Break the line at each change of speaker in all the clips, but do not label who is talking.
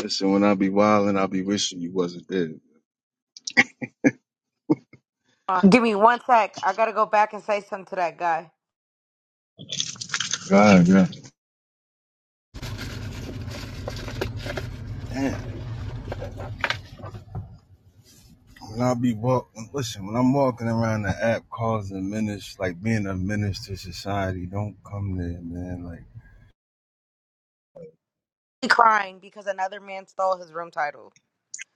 Listen, when I be wildin', I be wishing you wasn't there.
Give me one sec. I gotta go back and say something to that guy.
God, yeah. Damn. When I be walking, listen, when I'm walking around the app causing menace, like being a menace to society, don't come there, man. Like,
He Crying because another man stole his room title.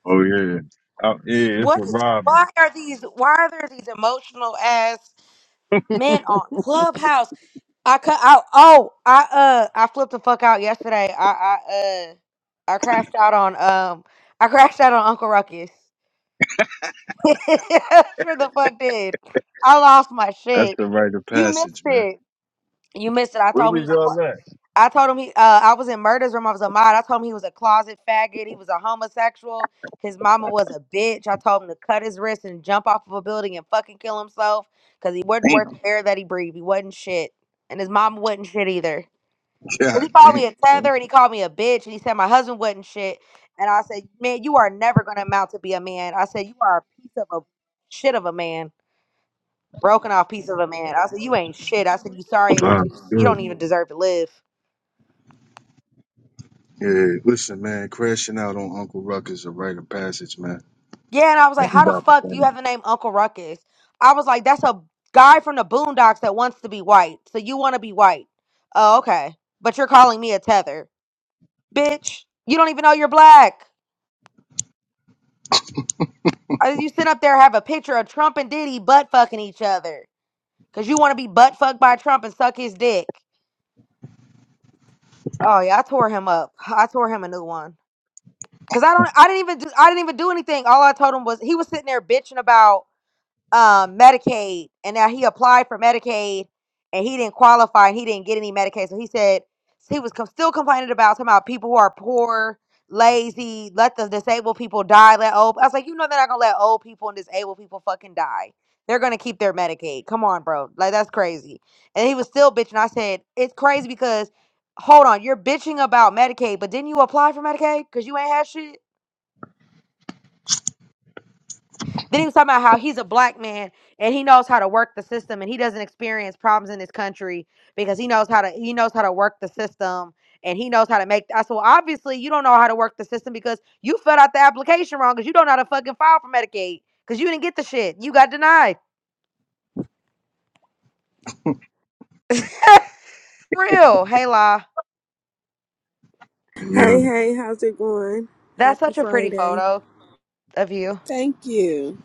Oh yeah. Oh yeah, it's a
What is?
robber.
Why are these? Why are there these emotional ass men on Clubhouse? I cut out. Oh, I uh, I flipped the fuck out yesterday. I I uh, I crashed out on um, I crashed out on Uncle Ruckus. sure the fuck did. I lost my
That's
shit.
the rite of
You missed
passage, man.
it. You missed it. I
Where
told him he
was
was a clubhouse.
y'all at?
I told him he, uh, I was in Murder's room. I was a mod. I told him he was a closet faggot. He was a homosexual. His mama was a bitch. I told him to cut his wrist and jump off of a building and fucking kill himself because he wasn't worth
damn,
the air that he breathed. He wasn't shit. And his mama wasn't shit either. Because he
god
called me
damn.
a tether and he called me a bitch and he said my husband wasn't shit. And I said, man, you are never going to amount to be a man. I said, you are a piece of a shit of a man, broken off piece of a man. I said, you ain't shit. I said, you sorry
Wow.
excuse. You don't
Good.
even deserve to live.
Yeah, listen, man, crashing out on Uncle Ruck is a rite of passage, man.
Yeah, and I was like, how the
Everybody
fuck do you
funny.
have the name Uncle Ruckus? I was like, that's a guy from the Boondocks that wants to be white. So you want to be white. Oh, okay. But you're calling me a tether. Bitch, you don't even know you're black. Uh, You sit up there have a picture of Trump and Diddy butt fucking each other because you want to be butt fucked by Trump and suck his dick. Oh yeah, I tore him up. I tore him a new one because I don't. I didn't even. Do, I didn't even do anything. All I told him was he was sitting there bitching about. um, Medicaid, and now he applied for Medicaid, and he didn't qualify, and he didn't get any Medicaid. So he said he was com- still complaining about talking about people who are poor, lazy, let the disabled people die, let old. I was like, you know, they're not gonna let old people and disabled people fucking die. They're gonna keep their Medicaid. Come on, bro, like that's crazy. And he was still bitching. I said, it's crazy because. Hold on, you're bitching about Medicaid, but didn't you apply for Medicaid? Cause you ain't had shit. Then he was talking about how he's a black man and he knows how to work the system and he doesn't experience problems in this country because he knows how to he knows how to work the system and he knows how to make I said, well, obviously you don't know how to work the system because you filled out the application wrong because you don't know how to fucking file for Medicaid. Cause you didn't get the shit. You got denied. Real. Hey La.
Hey,
Yeah,
hey, how's it going?
That's
Happy
such a pretty
Friday.
photo of you.
Thank you.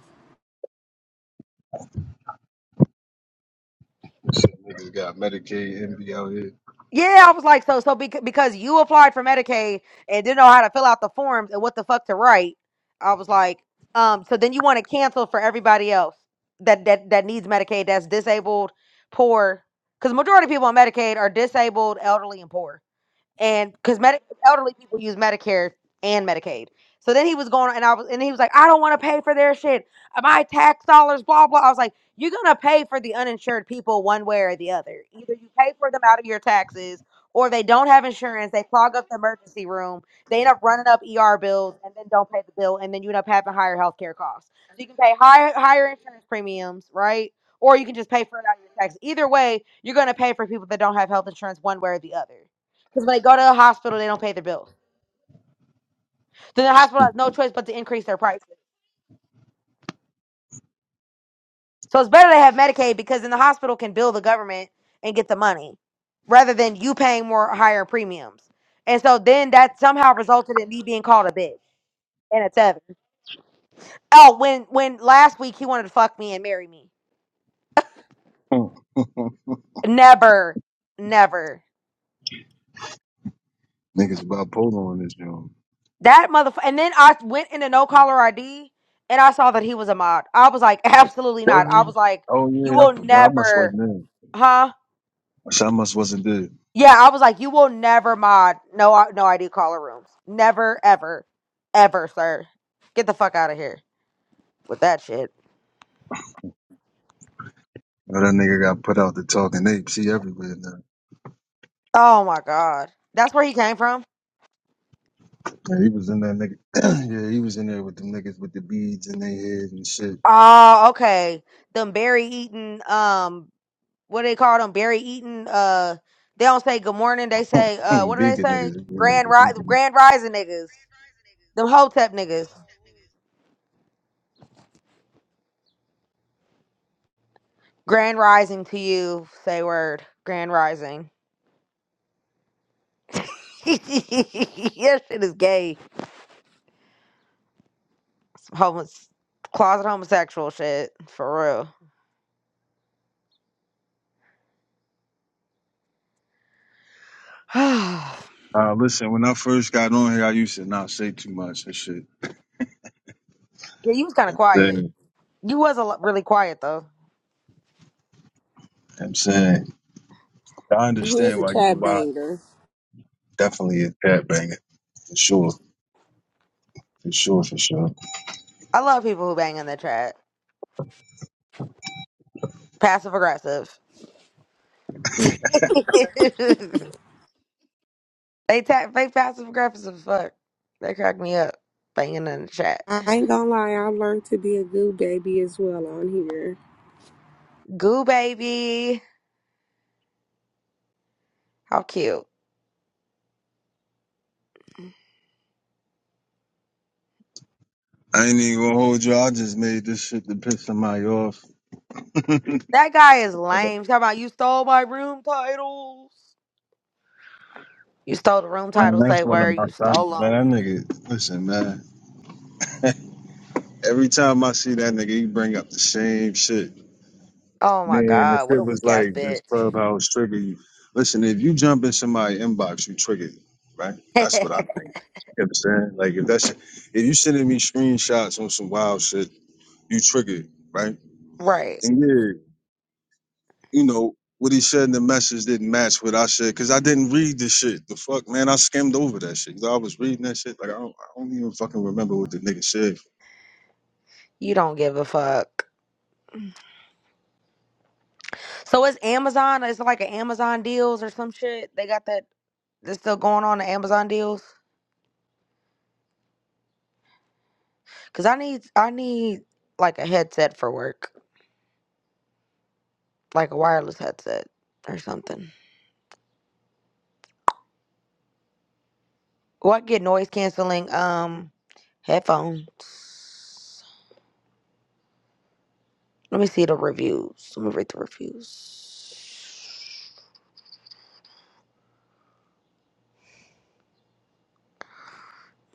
some niggas got Medicaid envy out
Yeah, I was like, so so because because you applied for Medicaid and didn't know how to fill out the forms and what the fuck to write, I was like, um, so then you want to cancel for everybody else that that that needs Medicaid that's disabled, poor, because majority of people on Medicaid are disabled, elderly, and poor and because Medi- elderly people use Medicare and Medicaid. So then he was going, and I was, and he was like, "I don't want to pay for their shit. Uh, My tax dollars, blah blah." I was like, "You're gonna pay for the uninsured people one way or the other. Either you pay for them out of your taxes, or they don't have insurance. They clog up the emergency room. They end up running up ER bills, and then don't pay the bill, and then you end up having higher healthcare costs. So you can pay higher higher insurance premiums, right? Or you can just pay for it out of your taxes. Either way, you're gonna pay for people that don't have health insurance one way or the other." Because when they go to the hospital, they don't pay their bills. Then the hospital has no choice but to increase their prices. So it's better to have Medicaid because then the hospital can bill the government and get the money rather than you paying more higher premiums. And so then that somehow resulted in me being called a bitch and a seven. Oh, when when last week he wanted to fuck me and marry me.
here.
Never, never.
Niggas about polo on this joint.
That motherfucker. And then I went into no caller ID and I saw that he was a mod. I was like, absolutely not.
Was
I
he?
was like,
Oh
you
yeah, I
will
forgot. I must
never,
wasn't there.
huh?
I said I must wasn't there.
Yeah, I was like, you will never mod. No, I- no, I do caller rooms. Never, ever, ever, sir. Get the fuck out of here with that shit.
Well, that nigga got put out the talking apes. He everywhere now.
Oh my god, that's where he came from.
Yeah, he was in that nigga. yeah, he was in there with them niggas with the beads in their head and shit.
Oh, okay. Them berry eating. Um, what do they call them? Berry eating. Uh, they don't say good morning. They say, uh, what do they
vegan
say?
niggas. He was in there with
Grand
the
rise,
vegan niggas.
grand rising niggas. Them hotep niggas. Grand rising to you. Say word. Grand rising. yes, shit is gay. homeless, closet homosexual shit for real. yeah,
Uh, listen, when I first got on here, I used to not say too much and shit.
you was kind of
You
quiet.
know
You was a lo- really quiet though.
what I'm saying, You know what I'm saying, I
He was
understand
a
why you
chat
why
banger.
definitely a cat banger for sure, for sure, for sure.
I love people who bang in the chat. Passive aggressive. they ta- they passive aggressive as fuck. They crack me up. Banging in the chat.
I ain't gonna lie, I learned to be a good baby as well on here.
Goo baby, how cute.
I ain't even gonna hold you. I just made this shit to piss somebody off. man,
That guy is lame. He's Talking about you stole my room titles. You stole the room titles.
that's
Say
one of
word.
my
You
sons,
stole them.
man. That nigga, listen, man. Every time I see that nigga, he bring up the same shit.
Oh my
Man, the
god, what
shit
a
was
weak ass
like this
bitch.
clubhouse trigger you. Listen, if you jump in somebody's inbox, you triggered, right? That's what I think. You understand? Like if that's if you sending me screenshots on some wild shit, you triggered, right?
right.
And yeah. you know, what he said in the message didn't match what I said because I didn't read the shit. The fuck, man, I skimmed over that shit. You know, I was reading that shit. Like, I don't, I don't even fucking remember what the nigga said.
You don't give a fuck. So it's Amazon. It's like an Amazon deals or some shit. They got that. That's still going on the Amazon deals. Cause I need I need like a headset for work, like a wireless headset or something. Well, I get noise canceling um headphones. Let me see the reviews. Let me read the reviews.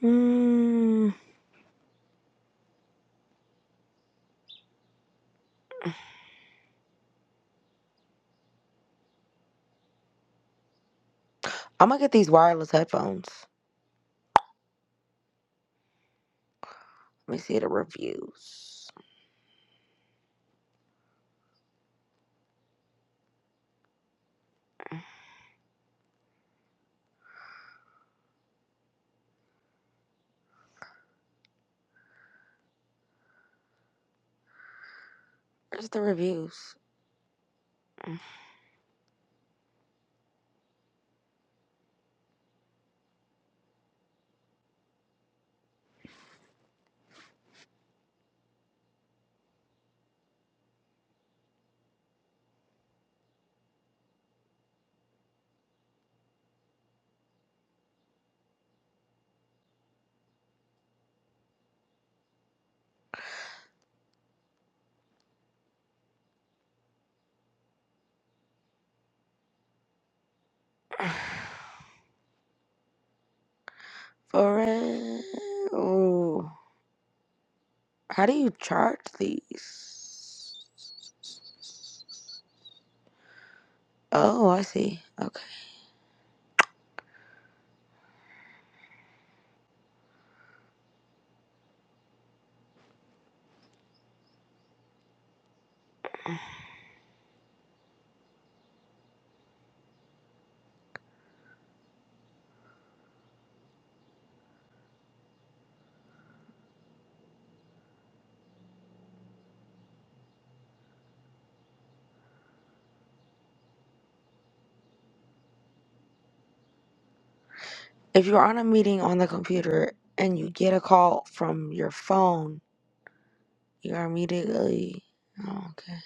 Mm, I'm gonna get these wireless headphones. Let me see the reviews. Where's the reviews? For real. Ooh. How do you charge these? Oh, I see. Okay. If you're on a meeting on the computer and you get a call from your phone, you are immediately. Oh, okay.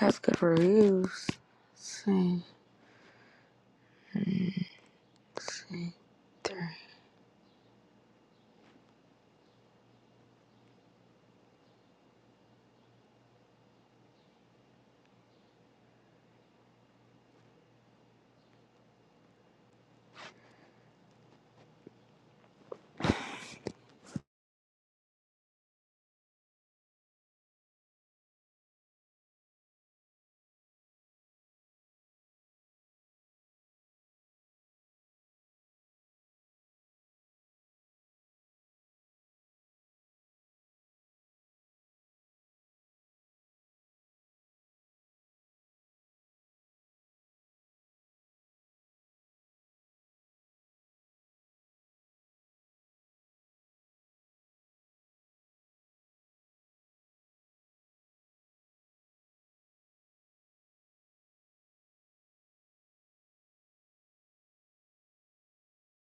That's good for reviews. Let's see. Hmm, let's see.